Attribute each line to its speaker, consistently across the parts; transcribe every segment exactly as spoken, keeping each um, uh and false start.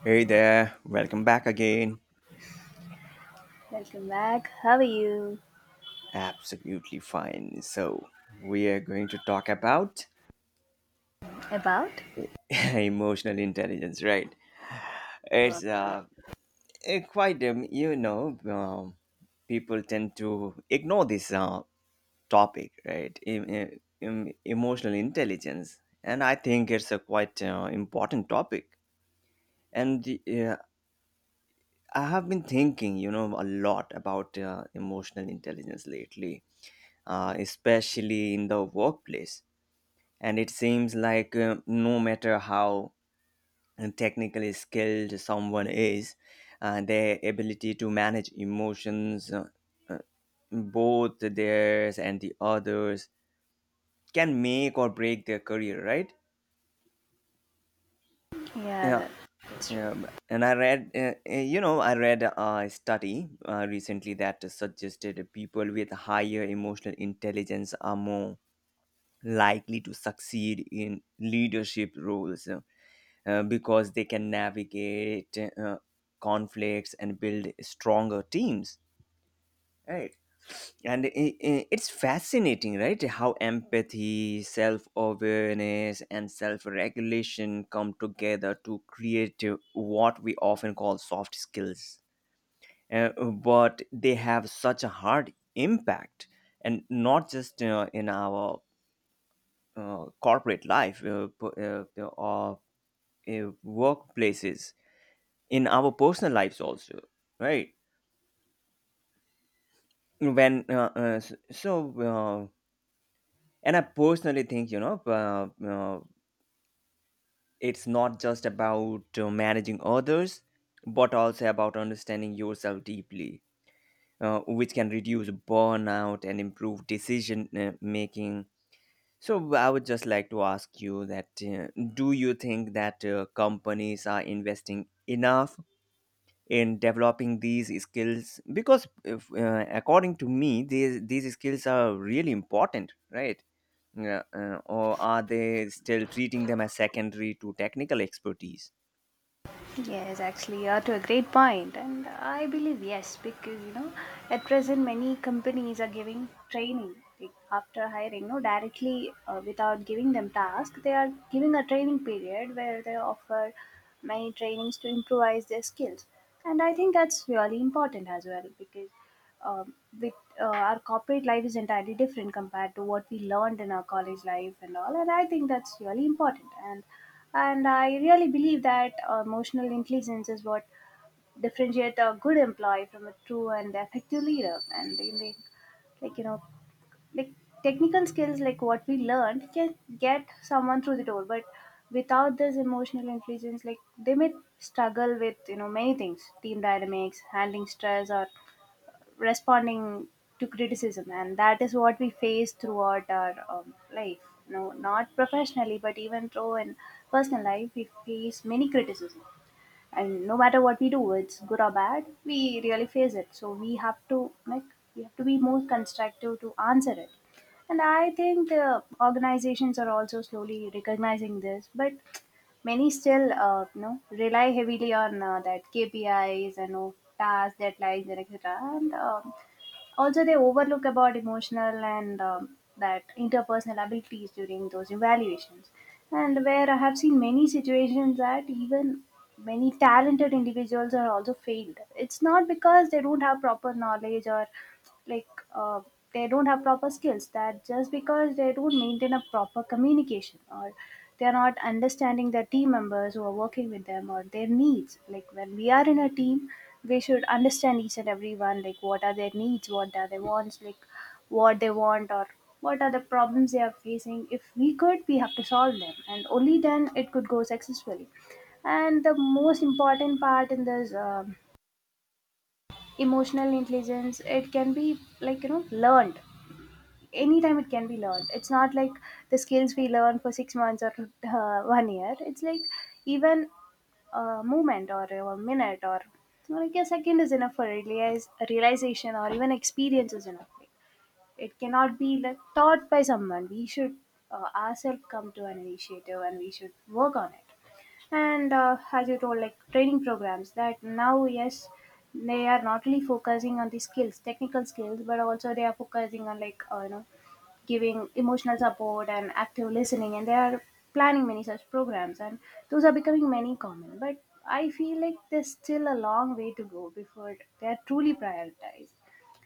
Speaker 1: Hey there, welcome back again.
Speaker 2: Welcome back. How are you?
Speaker 1: Absolutely fine. So, we are going to talk about
Speaker 2: About?
Speaker 1: emotional intelligence, right? It's uh, eh, quite, um, you know, um, People tend to ignore this uh, topic, right? Em- em- em- emotional intelligence. And I think it's a quite uh, important topic. And uh, I have been thinking, you know, a lot about uh, emotional intelligence lately, uh, especially in the workplace. And it seems like uh, no matter how uh, technically skilled someone is, uh, their ability to manage emotions, uh, uh, both theirs and the others, can make or break their career, right?
Speaker 2: Yeah,
Speaker 1: Yeah,
Speaker 2: that- that's true.
Speaker 1: Yeah, b- and I read, uh, uh, you know, I read uh, a study uh, recently that suggested people with higher emotional intelligence are more likely to succeed in leadership roles uh, because they can navigate uh, conflicts and build stronger teams. Right, and i- i- it's fascinating, right, how empathy, self-awareness, and self-regulation come together to create uh, what we often call soft skills. Uh, but they have such a hard impact, and not just uh, in our uh, corporate life, uh, p- uh, or uh, workplaces, in our personal lives also, right? when uh, uh, s- so uh, and I personally think, you know, uh, uh, it's not just about uh, managing others but also about understanding yourself deeply, uh, which can reduce burnout and improve decision uh, making. So I would just like to ask you that, uh, do you think that uh, companies are investing enough in developing these skills? Because if, uh, according to me, these these skills are really important, right? Yeah, uh, or are they still treating them as secondary to technical expertise?
Speaker 2: Yes, actually, you are to a great point, and I believe yes, because you know, at present many companies are giving training like, after hiring, no, directly, uh, without giving them task. They are giving a training period where they offer many trainings to improvise their skills, and I think that's really important as well because, um, with, uh, our corporate life is entirely different compared to what we learned in our college life and all, and I think that's really important and and I really believe that uh, emotional intelligence is what differentiates a good employee from a true and effective leader. And in the, like you know, like technical skills like what we learned can get someone through the door, but without this emotional intelligence, like they may struggle with you know many things, team dynamics, handling stress, or responding to criticism, and that is what we face throughout our um, life. No, not professionally, but even though in personal life we face many criticism, and no matter what we do, it's good or bad, we really face it. So we have to like, we have to be more constructive to answer it. And I think the organizations are also slowly recognizing this, but many still uh, you know rely heavily on uh, that KPIs and you, tasks, deadlines and etc., and um, also they overlook about emotional and um, that interpersonal abilities during those evaluations. And where I have seen many situations that even many talented individuals are also failed, it's not because they don't have proper knowledge or like like uh, they don't have proper skills, that just because they don't maintain a proper communication, or they are not understanding their team members who are working with them or their needs. Like when we are in a team, we should understand each and everyone, like what are their needs, what are their wants, like what they want, or what are the problems they are facing. If we could, we have to solve them, and only then it could go successfully. And the most important part in this um emotional intelligence, it can be like you know learned anytime. It can be learned. It's not like the skills we learn for six months or uh, one year. It's like even a moment or a minute or like a second is enough for realize, realization, or even experience is enough. Like, it cannot be like taught by someone. We should uh, ourselves come to an initiative and we should work on it. And uh, as you told, like training programs that now, yes, they are not really focusing on the skills, technical skills, but also they are focusing on like uh, you know giving emotional support and active listening, and they are planning many such programs, and those are becoming many common, but I feel like there's still a long way to go before they are truly prioritized.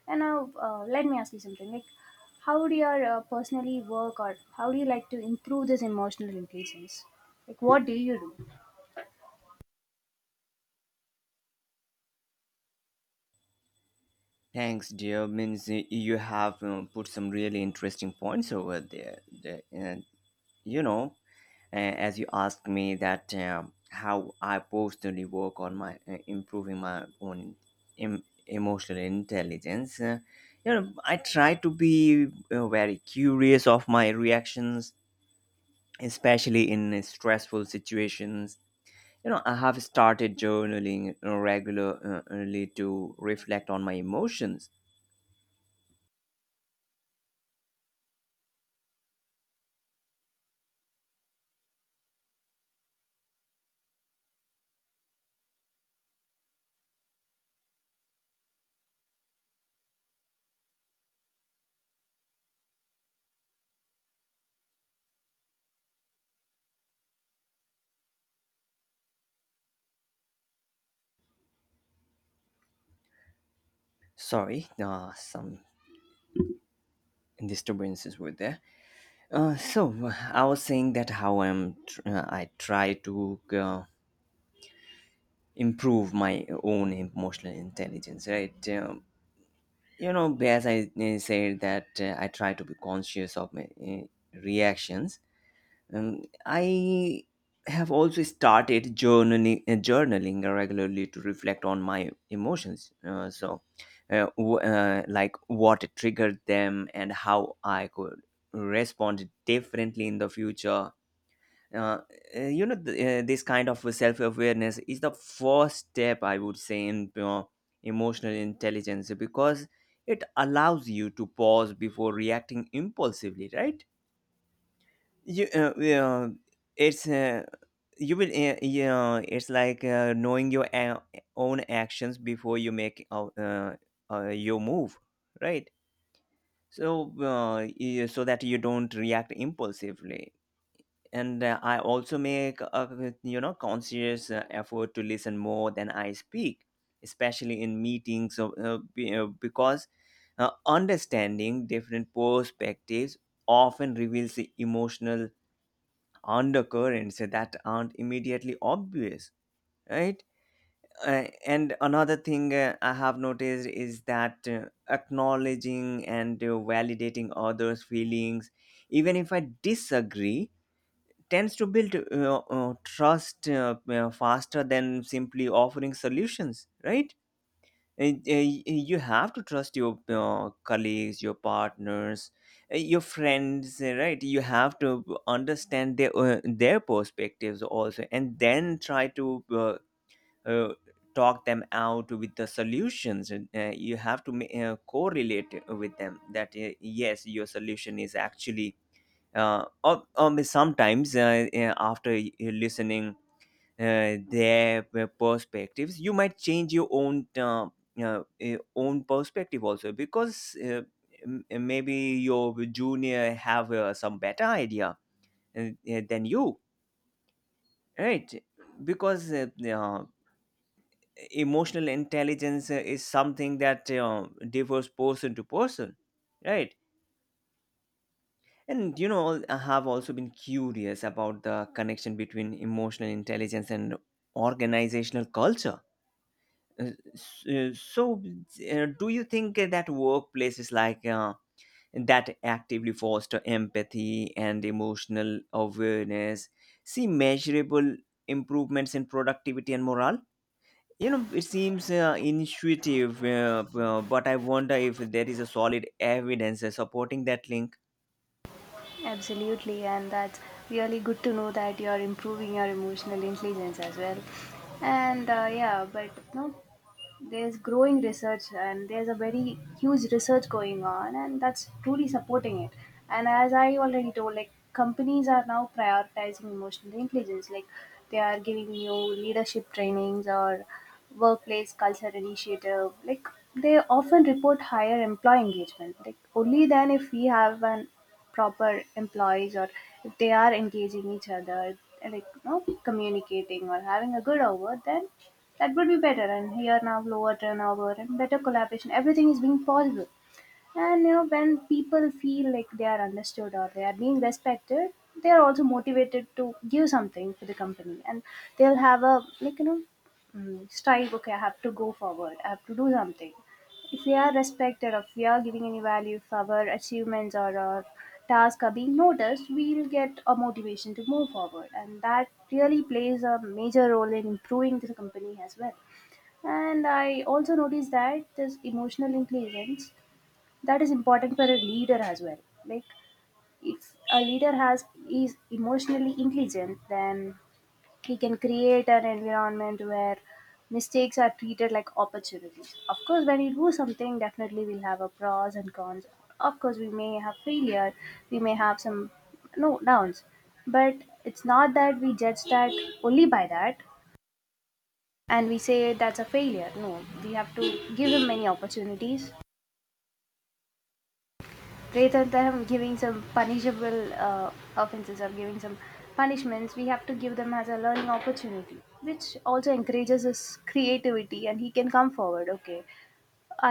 Speaker 2: And now, uh, let me ask you something like, how do you uh, personally work, or how do you like to improve this emotional intelligence? Like what do you do?
Speaker 1: Thanks, dear. Means uh, you have uh, put some really interesting points over there. The- and, you know, uh, as you asked me that, um, how I personally work on my uh, improving my own em- emotional intelligence. Uh, you know, I try to be uh, very curious of my reactions, especially in uh, stressful situations. You know, I have started journaling uh, regularly to reflect on my emotions. Sorry, uh, some disturbances were there. Uh, so uh, I was saying that how I'm tr- uh, I try to uh, improve my own emotional intelligence, right? Um, you know, as I uh, said that, uh, I try to be conscious of my uh, reactions. Um, I have also started journaling, uh, journaling regularly to reflect on my emotions. Uh, so, uh, w- uh, like what triggered them and how I could respond differently in the future. Uh, uh, you know, th- uh, this kind of self awareness is the first step, I would say, in uh, emotional intelligence, because it allows you to pause before reacting impulsively, right? you uh, yeah, it's uh, you will uh, yeah it's like uh, knowing your a- own actions before you make uh, uh, uh, your move, right? So, uh, yeah, so that you don't react impulsively. And uh, I also make a, you know, conscious uh, effort to listen more than I speak, especially in meetings, of, uh, be- uh, because uh, understanding different perspectives often reveals the emotional undercurrents that aren't immediately obvious, right? Uh, and another thing uh, I have noticed is that, uh, acknowledging and uh, validating others' feelings, even if I disagree, tends to build uh, uh, trust uh, uh, faster than simply offering solutions, right? And, uh, y- uh, you have to trust your uh, colleagues, your partners, uh, your friends, uh, right? You have to understand their uh, their perspectives also, and then try to uh, uh, talk them out with the solutions. And uh, you have to ma- uh, correlate with them that, uh, yes, your solution is actually uh, or, or sometimes, uh, uh, after uh, listening uh, their uh, perspectives, you might change your own, uh, uh, uh, own perspective also, because, uh, m- eh, maybe your junior have uh, some better idea uh, uh, than you, right? Because, uh, uh, emotional intelligence uh, is something that uh, differs person to person, right? And you know, I have also been curious about the connection between emotional intelligence and organizational culture. Uh, s- uh, so uh, do you think that workplaces like, uh, that actively foster empathy and emotional awareness, see measurable improvements in productivity and morale? You know, it seems uh, intuitive, uh, b- uh, but I wonder if there is a solid evidence uh, supporting that link.
Speaker 2: Absolutely, and that's really good to know that you're improving your emotional intelligence as well. And uh, yeah, but no, there's growing research and there's a very huge research going on, and that's truly supporting it. And as I already told, like companies are now prioritizing emotional intelligence, like they are giving you leadership trainings or workplace culture initiative, like they often report higher employee engagement. Like only then, if we have an proper employees, or if they are engaging each other, like you know communicating or having a good over, then that would be better, and here now lower turnover and better collaboration, everything is being possible. And you know, when people feel like they are understood or they are being respected, they are also motivated to give something to the company, and they'll have a like you know mm, strive. Okay, I have to go forward. I have to do something. If we are respected, or if we are giving any value, if our achievements or our tasks are being noticed, we'll get a motivation to move forward, and that really plays a major role in improving the company as well. And I also noticed that this emotional intelligence, that is important for a leader as well. Like if a leader has, is emotionally intelligent, then he can create an environment where mistakes are treated like opportunities. Of course, when you do something, definitely we'll have a pros and cons. Of course we may have failure, we may have some, no, downs, but it's not that we judge that only by that and we say that's a failure. No, we have to give him many opportunities rather than giving some punishable uh, offenses or giving some punishments. We have to give them as a learning opportunity, which also encourages his creativity and he can come forward. Okay,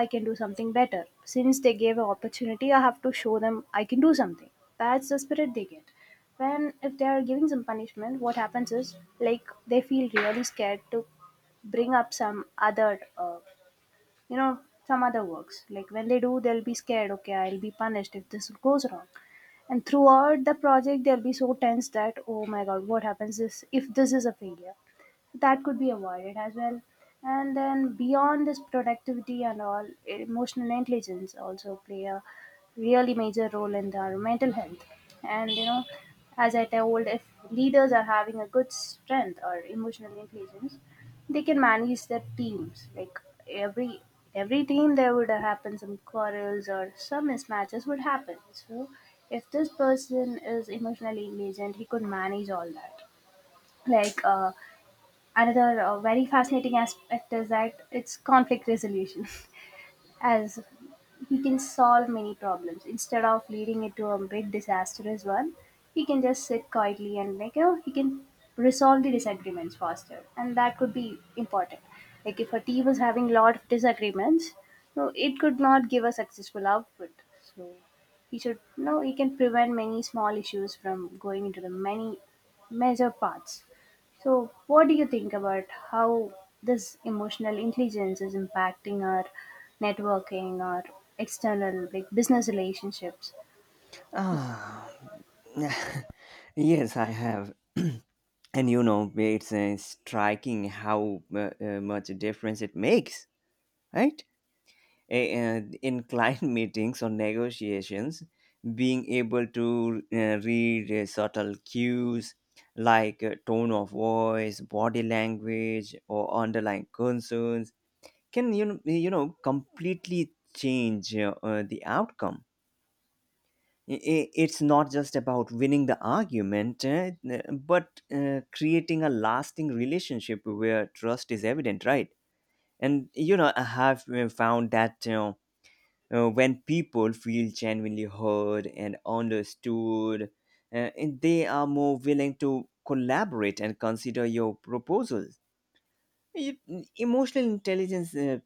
Speaker 2: I can do something better. Since they gave an opportunity, I have to show them I can do something. That's the spirit they get. When if they are giving some punishment, what happens is like they feel really scared to bring up some other uh, you know some other works. Like when they do, they'll be scared, okay, I'll be punished if this goes wrong, and throughout the project they'll be so tense that, oh my god, what happens is if this is a failure. That could be avoided as well. And then beyond this productivity and all, emotional intelligence also play a really major role in our mental health. And you know, as I told, if leaders are having a good strength or emotional intelligence, they can manage their teams. Like every every team, there would happen some quarrels or some mismatches would happen. So if this person is emotionally intelligent, he could manage all that. Like uh, another uh, very fascinating aspect is that it's conflict resolution. As he can solve many problems instead of leading it to a big disastrous one. He can just sit quietly and like you know he can resolve the disagreements faster, and that could be important. Like if a team is having a lot of disagreements, no, it could not give a successful output. So he should, no, he can prevent many small issues from going into the many major parts. So, what do you think about how this emotional intelligence is impacting our networking or external like business relationships?
Speaker 1: Ah, yes, I have. and you know, it's uh, striking how uh, uh, much difference it makes, right? A- and in client meetings or negotiations, being able to uh, read uh, subtle cues like uh, tone of voice, body language, or underlying concerns can, you know, you know, completely change uh, uh, the outcome. I- i- It's not just about winning the argument, uh, but uh, creating a lasting relationship where trust is evident, right? And you know, I have uh, found that, you know, uh, when people feel genuinely heard and understood, uh, and they are more willing to collaborate and consider your proposals. E- Emotional intelligence, uh,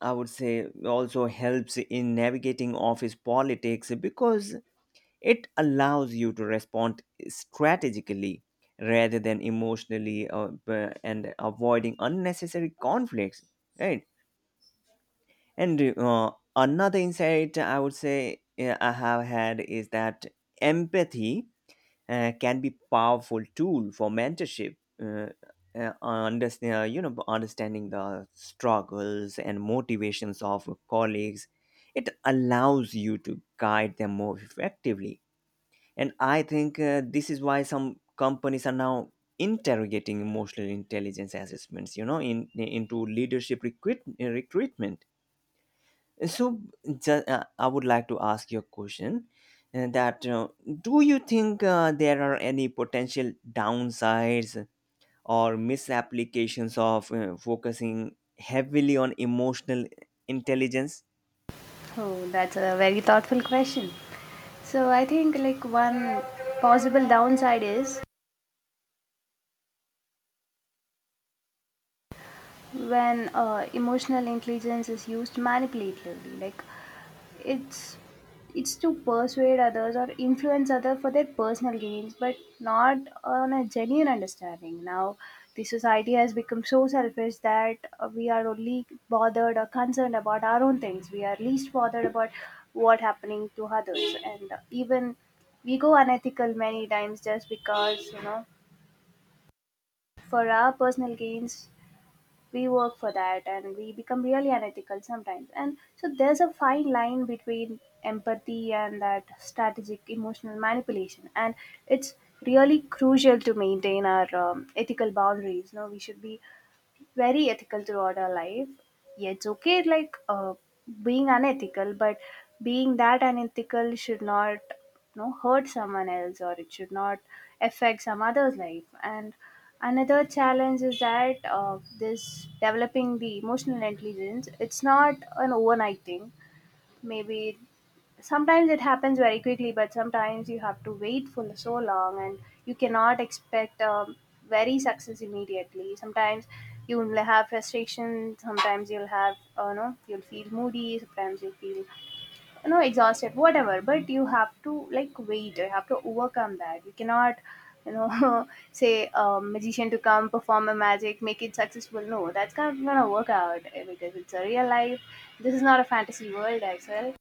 Speaker 1: I would say, also helps in navigating office politics, because it allows you to respond strategically rather than emotionally, uh, b- and avoiding unnecessary conflicts, right? And uh, another insight, I would say, uh, I have had is that empathy uh, can be powerful tool for mentorship. Uh, uh, understand, uh, you know, understanding the struggles and motivations of colleagues, it allows you to guide them more effectively. And I think uh, this is why some companies are now interrogating emotional intelligence assessments, you know, in into leadership recruit, recruitment. So, ju- uh, I would like to ask you a question, uh, that uh, do you think uh, there are any potential downsides or misapplications of uh, focusing heavily on emotional intelligence?
Speaker 2: Oh, that's a very thoughtful question. So, I think like one possible downside is when uh, emotional intelligence is used manipulatively, like it's it's to persuade others or influence others for their personal gains, but not on a genuine understanding. Now the society has become so selfish that uh, we are only bothered or concerned about our own things. We are least bothered about what happening to others, and even we go unethical many times just because you know for our personal gains we work for that, and we become really unethical sometimes. And so there's a fine line between empathy and that strategic emotional manipulation, and it's really crucial to maintain our um, ethical boundaries. No, we should be very ethical throughout our life. Yeah, it's okay, like uh, being unethical, but being that unethical should not, you know, hurt someone else, or it should not affect some other's life. And another challenge is that uh, this developing the emotional intelligence, it's not an overnight thing. Maybe sometimes it happens very quickly, but sometimes you have to wait for so long, and you cannot expect um, very success immediately. Sometimes you will have frustration. Sometimes you'll have, uh, no, you'll feel moody. Sometimes you'll feel, you know, exhausted. Whatever, but you have to like wait. You have to overcome that. You cannot, you know, say a magician to come perform a magic, make it successful. No, that's not gonna work out, eh, because it's a real life. This is not a fantasy world, Axel.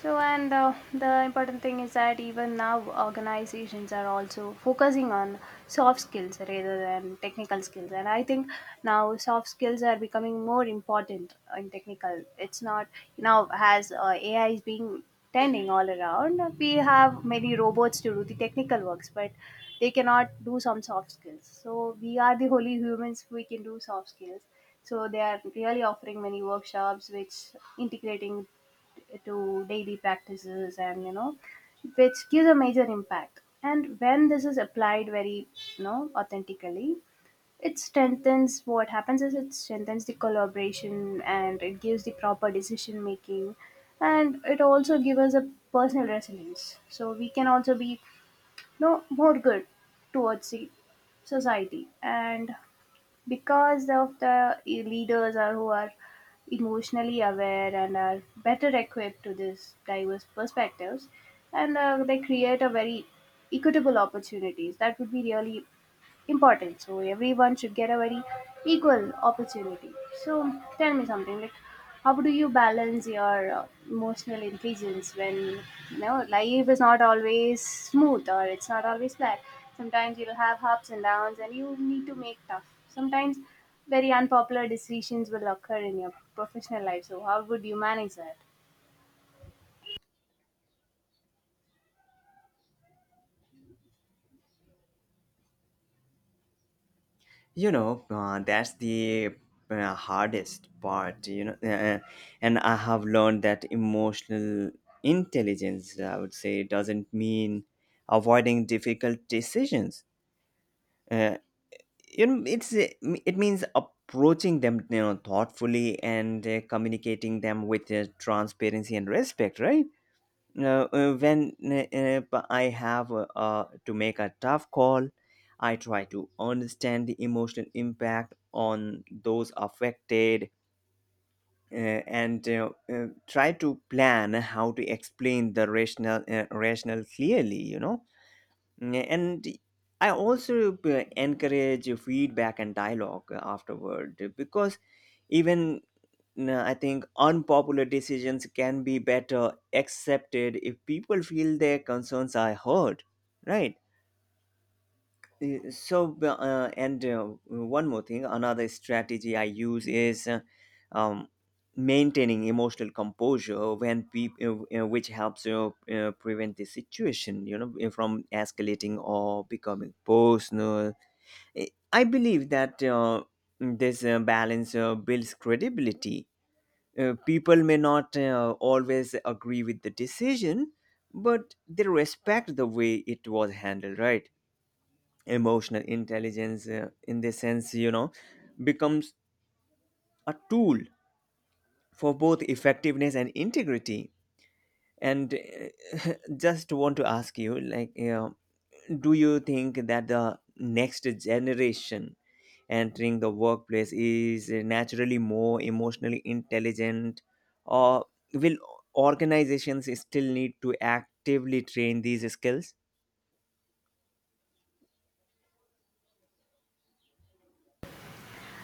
Speaker 2: So, and uh, the important thing is that even now organizations are also focusing on soft skills rather than technical skills. And I think now soft skills are becoming more important in technical. It's not now, as uh, A I is being tending all around. We have many robots to do the technical works, but they cannot do some soft skills. So we are the only humans who can do soft skills. So they are really offering many workshops which integrating to daily practices and, you know which gives a major impact. And when this is applied very, you know authentically, it strengthens, what happens is it strengthens the collaboration and it gives the proper decision making, and it also gives us a personal resilience, so we can also be you know more good towards the society. And because of the leaders are who are emotionally aware and are better equipped to these diverse perspectives, and uh, they create a very equitable opportunities that would be really important. So everyone should get a very equal opportunity. So tell me something like, how do you balance your uh, emotional intelligence when, you know life is not always smooth or it's not always flat? Sometimes you'll have ups and downs, and you need to make tough. Sometimes very unpopular decisions will occur in your professional life. So how would you manage that?
Speaker 1: You know, uh, that's the uh, hardest part, you know, uh, and I have learned that emotional intelligence, I would say, doesn't mean avoiding difficult decisions. Uh, you know, it's uh, it means approaching them, you know, thoughtfully, and uh, communicating them with uh, transparency and respect, right? Uh, uh, when uh, uh, p- I have uh, uh, to make a tough call, I try to understand the emotional impact on those affected, uh, and uh, uh, try to plan how to explain the rational uh, rational clearly, you know? Yeah, and I also uh, encourage feedback and dialogue afterward, because, even, uh, I think, unpopular decisions can be better accepted if people feel their concerns are heard, right? uh, so uh, and uh, One more thing, another strategy I use is uh, um, maintaining emotional composure when people, uh, uh, which helps you uh, prevent the situation, you know, uh, from escalating or becoming personal. I I believe that uh, this uh, balance uh, builds credibility. Uh, people may not uh, always agree with the decision, but they respect the way it was handled, right? Emotional intelligence uh, in this sense, you know, becomes a tool for both effectiveness and integrity. And uh, just want to ask you, like, you know, do you think that the next generation entering the workplace is naturally more emotionally intelligent, or will organizations still need to actively train these skills?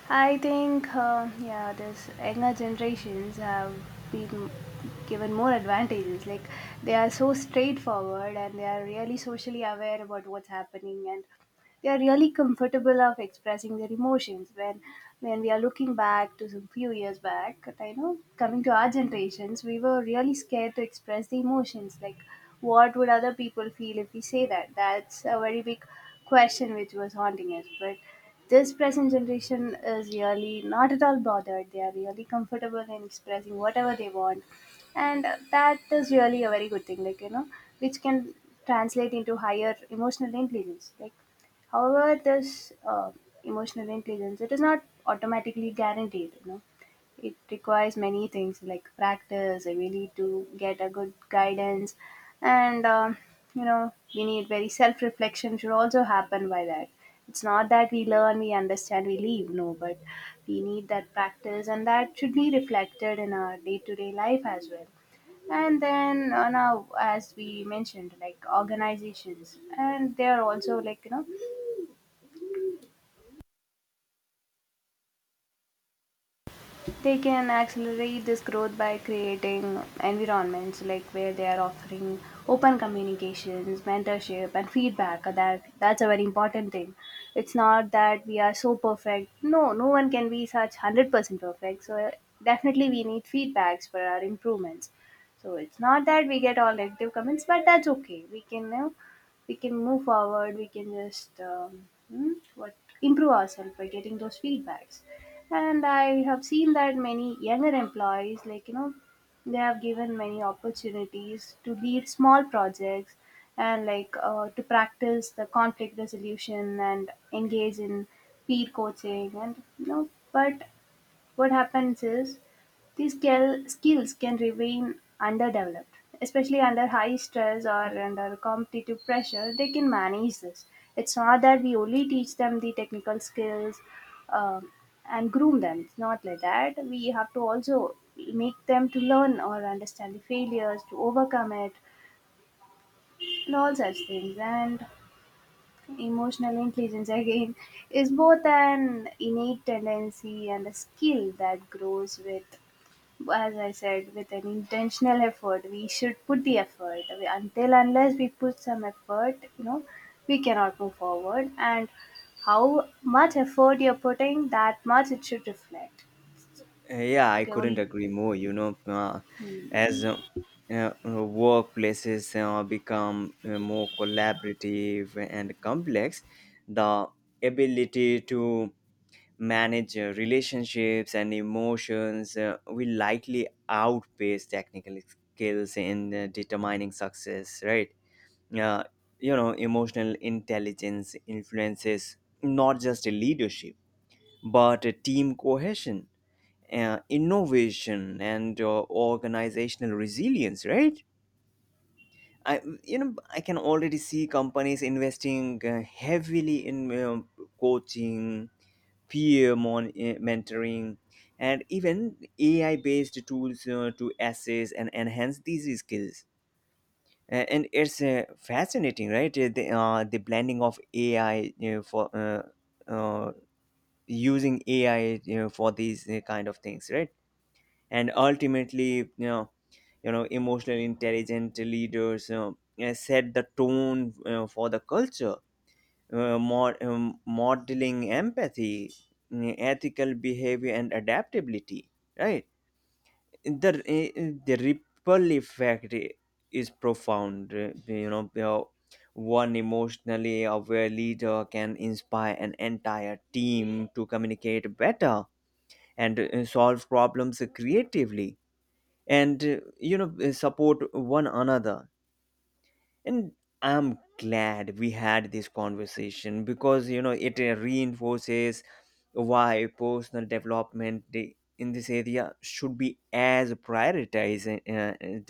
Speaker 2: I think, uh, yeah, this younger generations have been given more advantages. Like, they are so straightforward and they are really socially aware about what's happening, and they are really comfortable of expressing their emotions. When when we are looking back to some few years back, I know, coming to our generations, we were really scared to express the emotions. Like, what would other people feel if we say that? That's a very big question which was haunting us, but this present generation is really not at all bothered. They are really comfortable in expressing whatever they want, and that is really a very good thing. Like, you know, which can translate into higher emotional intelligence. Like, however, this uh, emotional intelligence, it is not automatically guaranteed. You know, it requires many things like practice, and we need to get a good guidance, and um, you know we need very self-reflection should also happen. By that, it's not that we learn, we understand, we leave, no, but we need that practice, and that should be reflected in our day-to-day life as well. And then uh, now, as we mentioned, like, organizations and they are also like, you know they can accelerate this growth by creating environments like where they are offering open communications, mentorship, and feedback. That that's a very important thing. It's not that we are so perfect, no, no one can be such one hundred percent perfect. So definitely we need feedbacks for our improvements. So it's not that we get all negative comments, but that's okay, we can, you know, we can move forward. We can just um, hmm, what, improve ourselves by getting those feedbacks. And I have seen that many younger employees like, you know they have given many opportunities to lead small projects and like, uh, to practice the conflict resolution and engage in peer coaching, and, you know but what happens is these skill, skills can remain underdeveloped, especially under high stress or under competitive pressure. They can manage this. It's not that we only teach them the technical skills um, and groom them. It's not like that. We have to also make them to learn or understand the failures, to overcome it, and all such things. And emotional intelligence again is both an innate tendency and a skill that grows with, as I said, with an intentional effort. We should put the effort. We- Until unless we put some effort, you know, we cannot move forward. And how much effort you're putting, that much it should reflect.
Speaker 1: Uh, Yeah, I
Speaker 2: Okay,
Speaker 1: couldn't
Speaker 2: only.
Speaker 1: agree more. You know, uh, as uh, uh, workplaces uh, become uh, more collaborative and complex, the ability to manage uh, relationships and emotions uh, will likely outpace technical skills in uh, determining success, right? Uh, you know, emotional intelligence influences not just leadership, but team cohesion, uh, innovation, and uh, organizational resilience, right? I, you know, I can already see companies investing uh, heavily in um, coaching, peer mon- uh, mentoring, and even A I-based tools uh, to assess and enhance these skills. A- and it's uh, fascinating, right? Uh, The, uh, the blending of A I, you know, for uh, uh, using A I, you know, for these uh, kind of things, right? And ultimately, you know, you know emotionally intelligent leaders you uh, set the tone uh, for the culture, uh, mod- um, modeling empathy, mm, ethical behavior, and adaptability, right? the uh, the ripple effect i- is profound. Uh, you know you know, one emotionally aware leader can inspire an entire team to communicate better and uh, solve problems creatively, and uh, you know, uh, support one another. And I'm glad we had this conversation, because, you know, it uh, reinforces why personal development i- in this area should be as prioritized uh,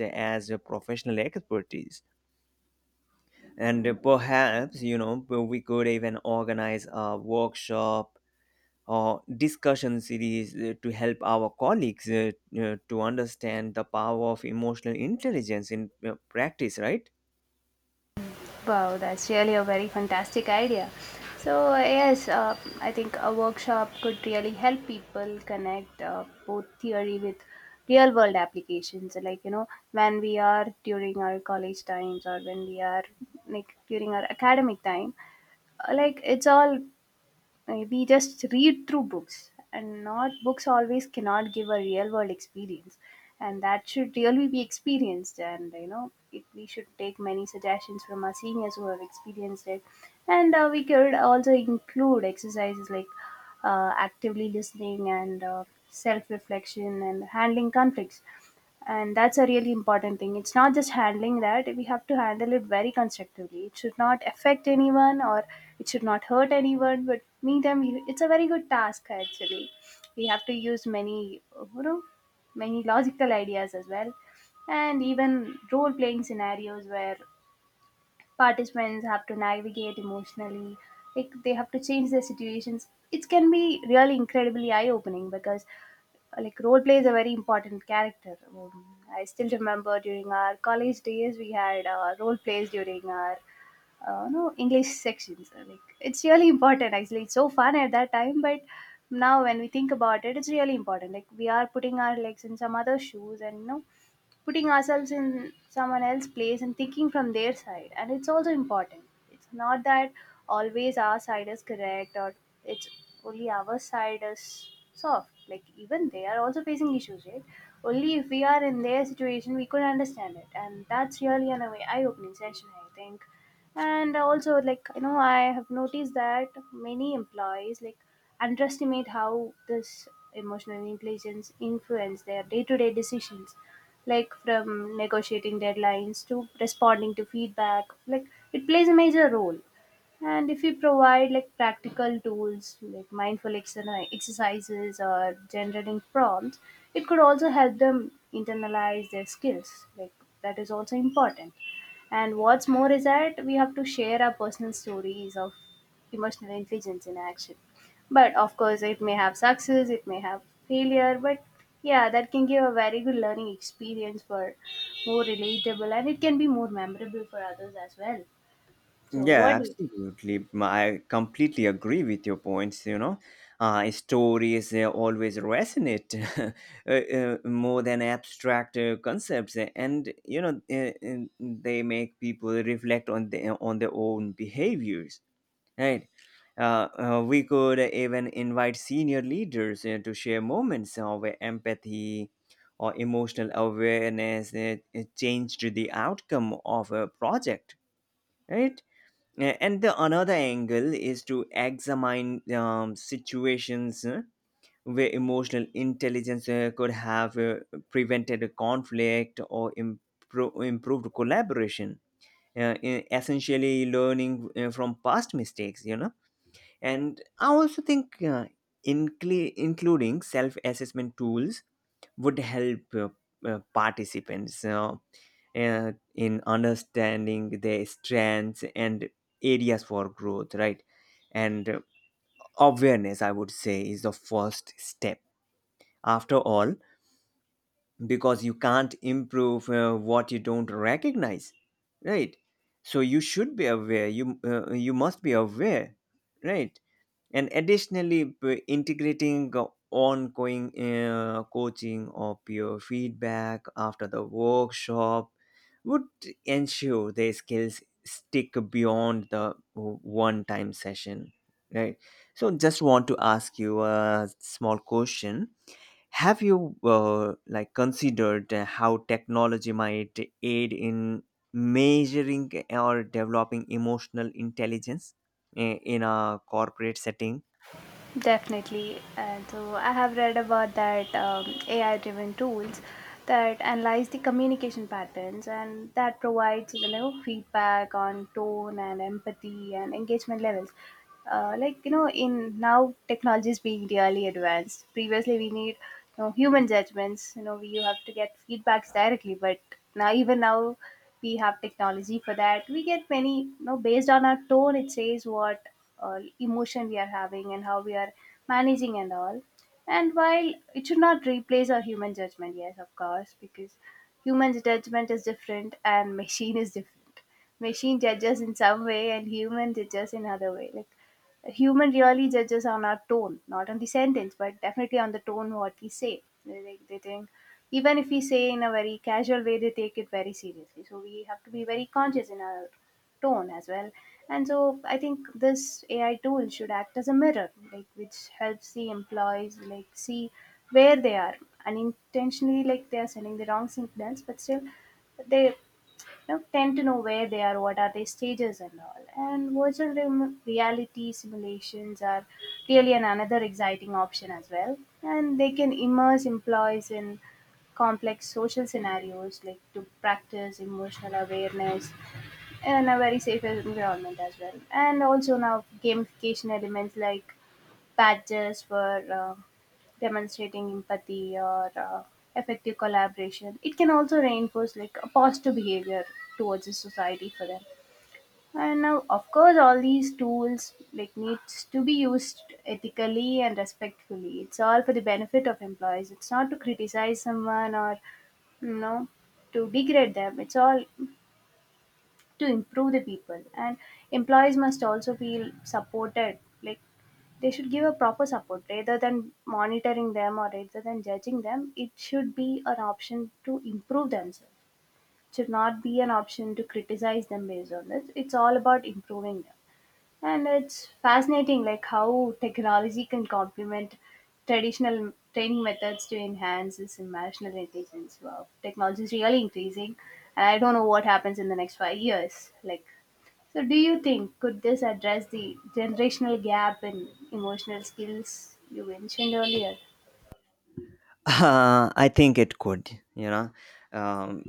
Speaker 1: uh, as a professional expertise. And uh, perhaps, you know, we could even organize a workshop or discussion series uh, to help our colleagues uh, uh, to understand the power of emotional intelligence in uh, practice, right?
Speaker 2: Wow, that's really a very fantastic idea. So, yes, uh, I think a workshop could really help people connect uh, both theory with real world applications. Like, you know, when we are during our college times, or when we are like during our academic time, uh, like it's all maybe just read through books, and not books always cannot give a real world experience, and that should really be experienced. And you know it, we should take many suggestions from our seniors who have experienced it. And uh, we could also include exercises like uh, actively listening and uh, self-reflection and handling conflicts. And that's a really important thing. It's not just handling that, we have to handle it very constructively. It should not affect anyone or it should not hurt anyone. But meantime, you- it's a very good task actually. We have to use many, you know, many logical ideas as well. And even role playing scenarios where participants have to navigate emotionally, like they have to change their situations, it can be really incredibly eye opening because uh, like role play is a very important character. um, I still remember during our college days we had uh, role plays during our uh, no English sections. Uh, like it's really important actually. It's so fun at that time, but now when we think about it, it's really important. Like we are putting our legs in some other shoes, and, you know, putting ourselves in someone else's place and thinking from their side, and it's also important. It's not that always our side is correct, or it's only our side is soft. Like, even they are also facing issues, right? Only if we are in their situation we could understand it, and that's really an eye opening session, I think. And also, like, you know, I have noticed that many employees like underestimate how this emotional intelligence influence their day-to-day decisions, like from negotiating deadlines to responding to feedback. Like, it plays a major role. And if we provide like practical tools like mindful exerni- exercises or generating prompts, it could also help them internalize their skills. Like, that is also important. And what's more is that we have to share our personal stories of emotional intelligence in action. But of course, it may have success, it may have failure, but yeah, that can give a very good learning experience for more relatable, and it can be more memorable for others as well. So, what
Speaker 1: Yeah,
Speaker 2: do you think?
Speaker 1: absolutely. M- I completely agree with your points. You know, uh, stories uh, always resonate uh, uh, more than abstract uh, concepts, uh, and you know uh, uh, they make people reflect on the, on their own behaviors, right? Uh, uh, we could even invite senior leaders uh, to share moments of empathy or emotional awareness that uh, changed the outcome of a project, right? Uh, And the another angle is to examine um, situations uh, where emotional intelligence uh, could have uh, prevented a conflict or impro- improved collaboration. Uh, e- essentially, learning uh, from past mistakes, you know and I also think uh, incl- including self assessment tools would help uh, uh, participants uh, uh, in understanding their strengths and areas for growth, right? And uh, awareness, I would say, is the first step. After all, because you can't improve uh, what you don't recognize, right? So you should be aware. You uh, you must be aware, right? And additionally, p- integrating go- ongoing uh, coaching or peer feedback after the workshop would ensure their skills stick beyond the one time session, right? So just want to ask you a small question. Have you uh, like considered uh, how technology might aid in measuring or developing emotional intelligence i- in a corporate setting?
Speaker 2: Definitely. And so I have read about that um, A I driven tools that analyze the communication patterns and that provides, you know, feedback on tone and empathy and engagement levels. Uh, like, you know, in now technology is being really advanced. Previously we need, you know, human judgments. You know, we, you have to get feedbacks directly, but now, even now we have technology for that. We get many, you know, based on our tone, it says what uh, emotion we are having and how we are managing and all. And while it should not replace our human judgment, yes, of course, because human judgment is different and machine is different. Machine judges in some way and human judges in other way. Like, human really judges on our tone, not on the sentence, but definitely on the tone what we say. They, they, they think, even if we say in a very casual way, they take it very seriously. So we have to be very conscious in our tone as well. And so I think this A I tool should act as a mirror, like which helps the employees like see where they are unintentionally, like they are sending the wrong signals, but still they, you know, tend to know where they are, what are their stages and all. And virtual rem- reality simulations are really an another exciting option as well. And they can immerse employees in complex social scenarios like to practice emotional awareness in a very safe environment as well. And also, now gamification elements like badges for uh, demonstrating empathy or uh, effective collaboration, it can also reinforce like a positive behavior towards the society for them. And now, of course, all these tools like needs to be used ethically and respectfully. It's all for the benefit of employees. It's not to criticize someone or, you know, to degrade them. It's all to improve the people, and employees must also feel supported. Like, they should give a proper support rather than monitoring them, or rather than judging them. It should be an option to improve themselves. It should not be an option to criticize them based on this. It's all about improving them. And it's fascinating like how technology can complement traditional training methods to enhance this emotional intelligence. Wow, technology is really increasing, and I don't know what happens in the next five years. Like, so, do you think could this address the generational gap in emotional skills you mentioned earlier?
Speaker 1: Uh, I think it could, you know. Um,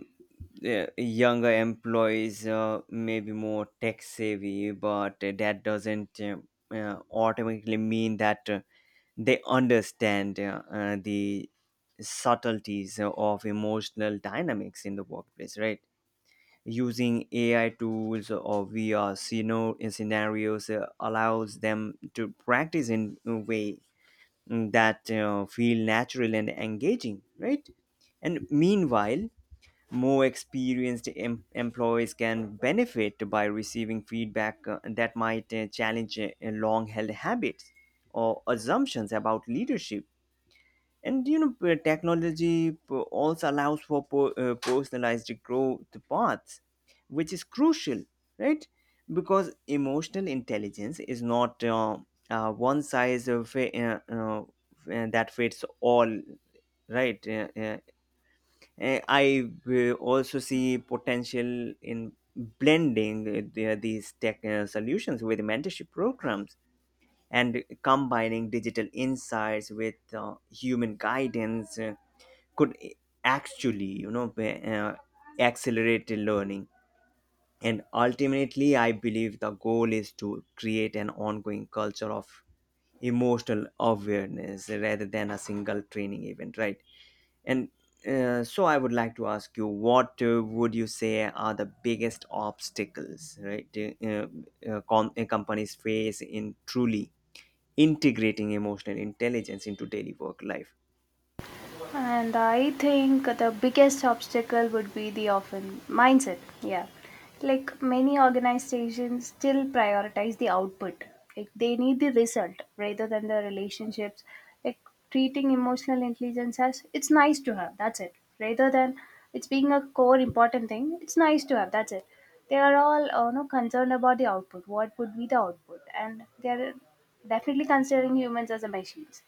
Speaker 1: uh, Younger employees uh, may be more tech savvy, but uh, that doesn't uh, uh, automatically mean that uh, they understand uh, uh, the subtleties of emotional dynamics in the workplace, right? Using A I tools or V R sceno- scenarios uh, allows them to practice in a way that uh, feel natural and engaging, right? And meanwhile, more experienced em- employees can benefit by receiving feedback uh, that might uh, challenge uh, long-held habits or assumptions about leadership. And you know, p- technology p- also allows for po- uh, personalized growth paths, which is crucial, right? Because emotional intelligence is not uh, uh, one size of, uh, uh, uh, that fits all, right? Uh, uh, Eh, I uh, also see potential in blending uh, the- these tech uh, solutions with mentorship programs, and combining digital insights with uh, human guidance uh, could actually, you know, uh, accelerate the learning. And ultimately, I believe the goal is to create an ongoing culture of emotional awareness rather than a single training event, right? And uh, so I would like to ask you, what uh, would you say are the biggest obstacles, right, uh, uh, com- uh, companies face in truly integrating emotional intelligence into daily work life?
Speaker 2: And I think the biggest obstacle would be the often mindset. Yeah. Like, many organizations still prioritize the output. Like, they need the result rather than the relationships. Like, treating emotional intelligence as it's nice to have, that's it. Rather than it's being a core important thing, it's nice to have, that's it. They are all uh, no, concerned about the output. What would be the output? And they are definitely considering humans as a machines.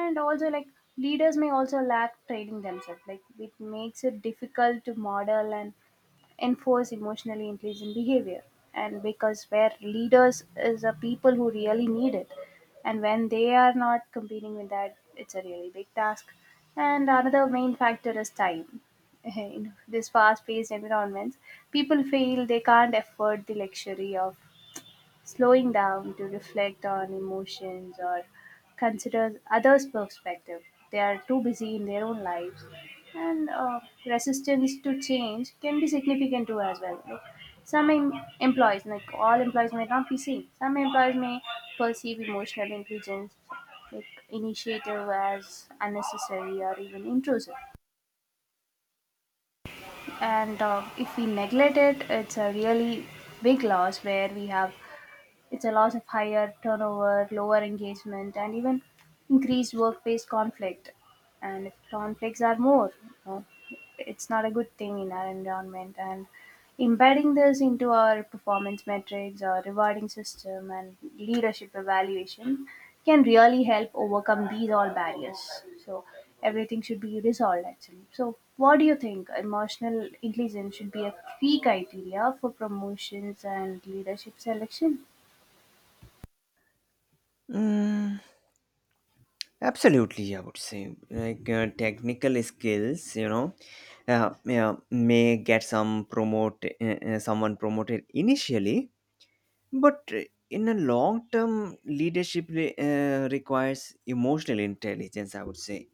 Speaker 2: And also like, leaders may also lack training themselves. Like, it makes it difficult to model and enforce emotionally intelligent behavior. And because where leaders is a people who really need it, and when they are not competing with that, it's a really big task. And another main factor is time. In this fast-paced environments, people feel they can't afford the luxury of slowing down to reflect on emotions or consider others' perspective. They are too busy in their own lives, and uh, resistance to change can be significant too as well. Like, some em- employees, like all employees, may not be seen. Some employees may perceive emotional intelligence like initiative as unnecessary or even intrusive. And uh, if we neglect it, it's a really big loss, where we have, it's a loss of higher turnover, lower engagement, and even increased workplace conflict. And if conflicts are more, you know, it's not a good thing in our environment. And embedding this into our performance metrics, our rewarding system, and leadership evaluation can really help overcome these all barriers. So everything should be resolved actually. So what do you think? Emotional intelligence should be a key criteria for promotions and leadership selection.
Speaker 1: Mm, absolutely, I would say like uh, technical skills, you know, uh, yeah, may get some promote uh, uh, someone promoted initially, but uh, in a long term, leadership re- uh, requires emotional intelligence, I would say.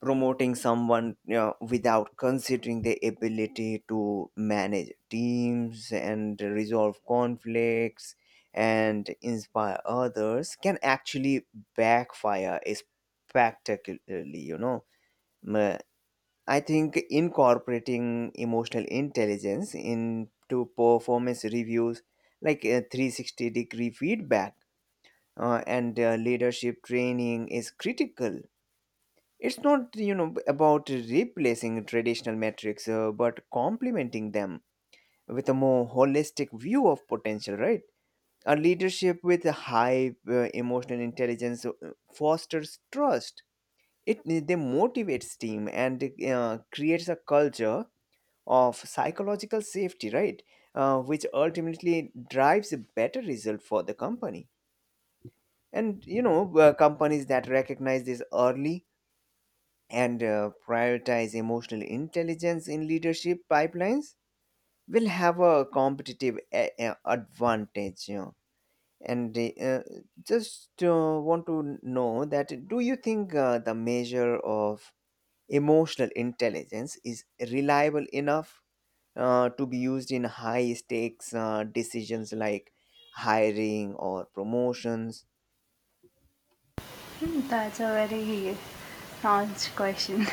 Speaker 1: Promoting someone, you know, without considering their ability to manage teams and resolve conflicts and inspire others can actually backfire spectacularly, you know. I think incorporating emotional intelligence into performance reviews, like a three sixty degree feedback uh, and uh, leadership training, is critical. It's not, you know, about replacing traditional metrics, uh, but complementing them with a more holistic view of potential. Right, a leadership with a high uh, emotional intelligence uh, fosters trust. It they motivates team and uh, creates a culture of psychological safety, right? Uh, which ultimately drives a better result for the company. And you know, uh, companies that recognize this early and uh, prioritize emotional intelligence in leadership pipelines will have a competitive a- a- advantage. You know. And uh, just uh, want to know that, do you think uh, the measure of emotional intelligence is reliable enough uh, to be used in high stakes uh, decisions like hiring or promotions?
Speaker 2: Hmm, that's a very nuanced question.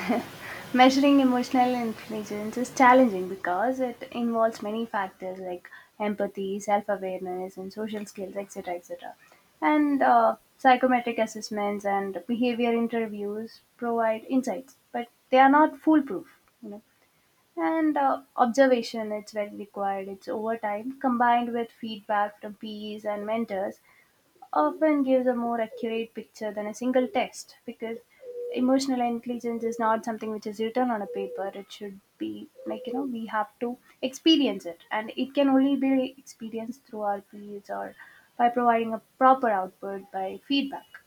Speaker 2: Measuring emotional intelligence is challenging because it involves many factors like empathy, self awareness, and social skills, et cetera et cetera. And uh, psychometric assessments and behavior interviews provide insights, but they are not foolproof. You know? And uh, observation, it's very required. It's over time combined with feedback from peers and mentors often gives a more accurate picture than a single test, because emotional intelligence is not something which is written on a paper. It should be like, you know, we have to experience it, and it can only be experienced through our peers or by providing a proper output by feedback.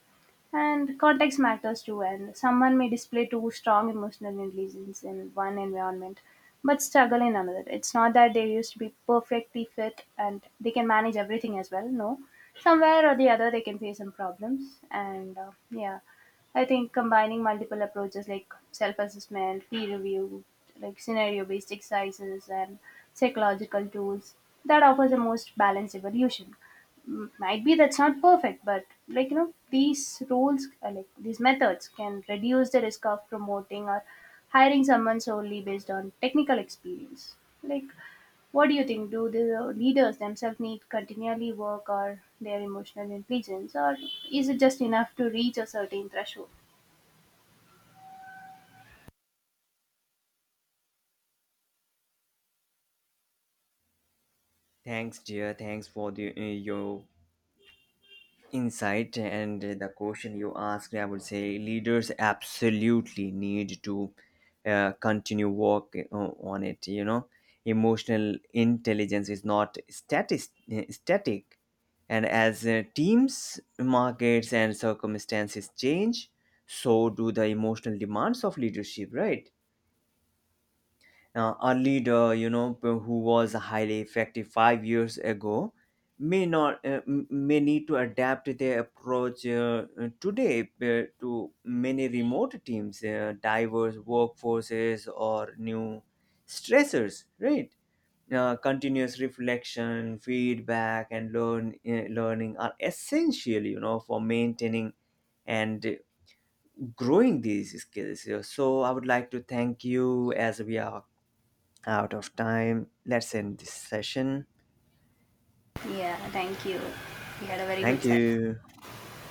Speaker 2: And context matters too, and someone may display too strong emotional intelligence in one environment but struggle in another. It's not that they used to be perfectly fit and they can manage everything as well. No, somewhere or the other, they can face some problems. And uh, yeah, I think combining multiple approaches like self assessment, peer review, like scenario based exercises, and psychological tools, that offers the most balanced evolution. M- might be that's not perfect, but like, you know, these rules uh, like these methods can reduce the risk of promoting or hiring someone solely based on technical experience. Like, what do you think? Do the leaders themselves need continually work or their emotional intelligence, or is it just enough to reach a certain threshold?
Speaker 1: Thanks, dear. Thanks for the, uh, your insight and the question you asked. I would say leaders absolutely need to uh, continue work uh, on it, you know. Emotional intelligence is not static static, and as uh, teams, markets and circumstances change, so do the emotional demands of leadership, right? Uh, a leader, you know, p- who was highly effective five years ago, may not uh, m- may need to adapt their approach uh, uh, today uh, to many remote teams, uh, diverse workforces or new stressors, right? Uh, continuous reflection, feedback and learn uh, learning are essential, you know, for maintaining and growing these skills. So I would like to thank you as we are out of time. Let's end this session.
Speaker 2: Yeah, thank you. We had a very good
Speaker 1: Thank
Speaker 2: session.
Speaker 1: you.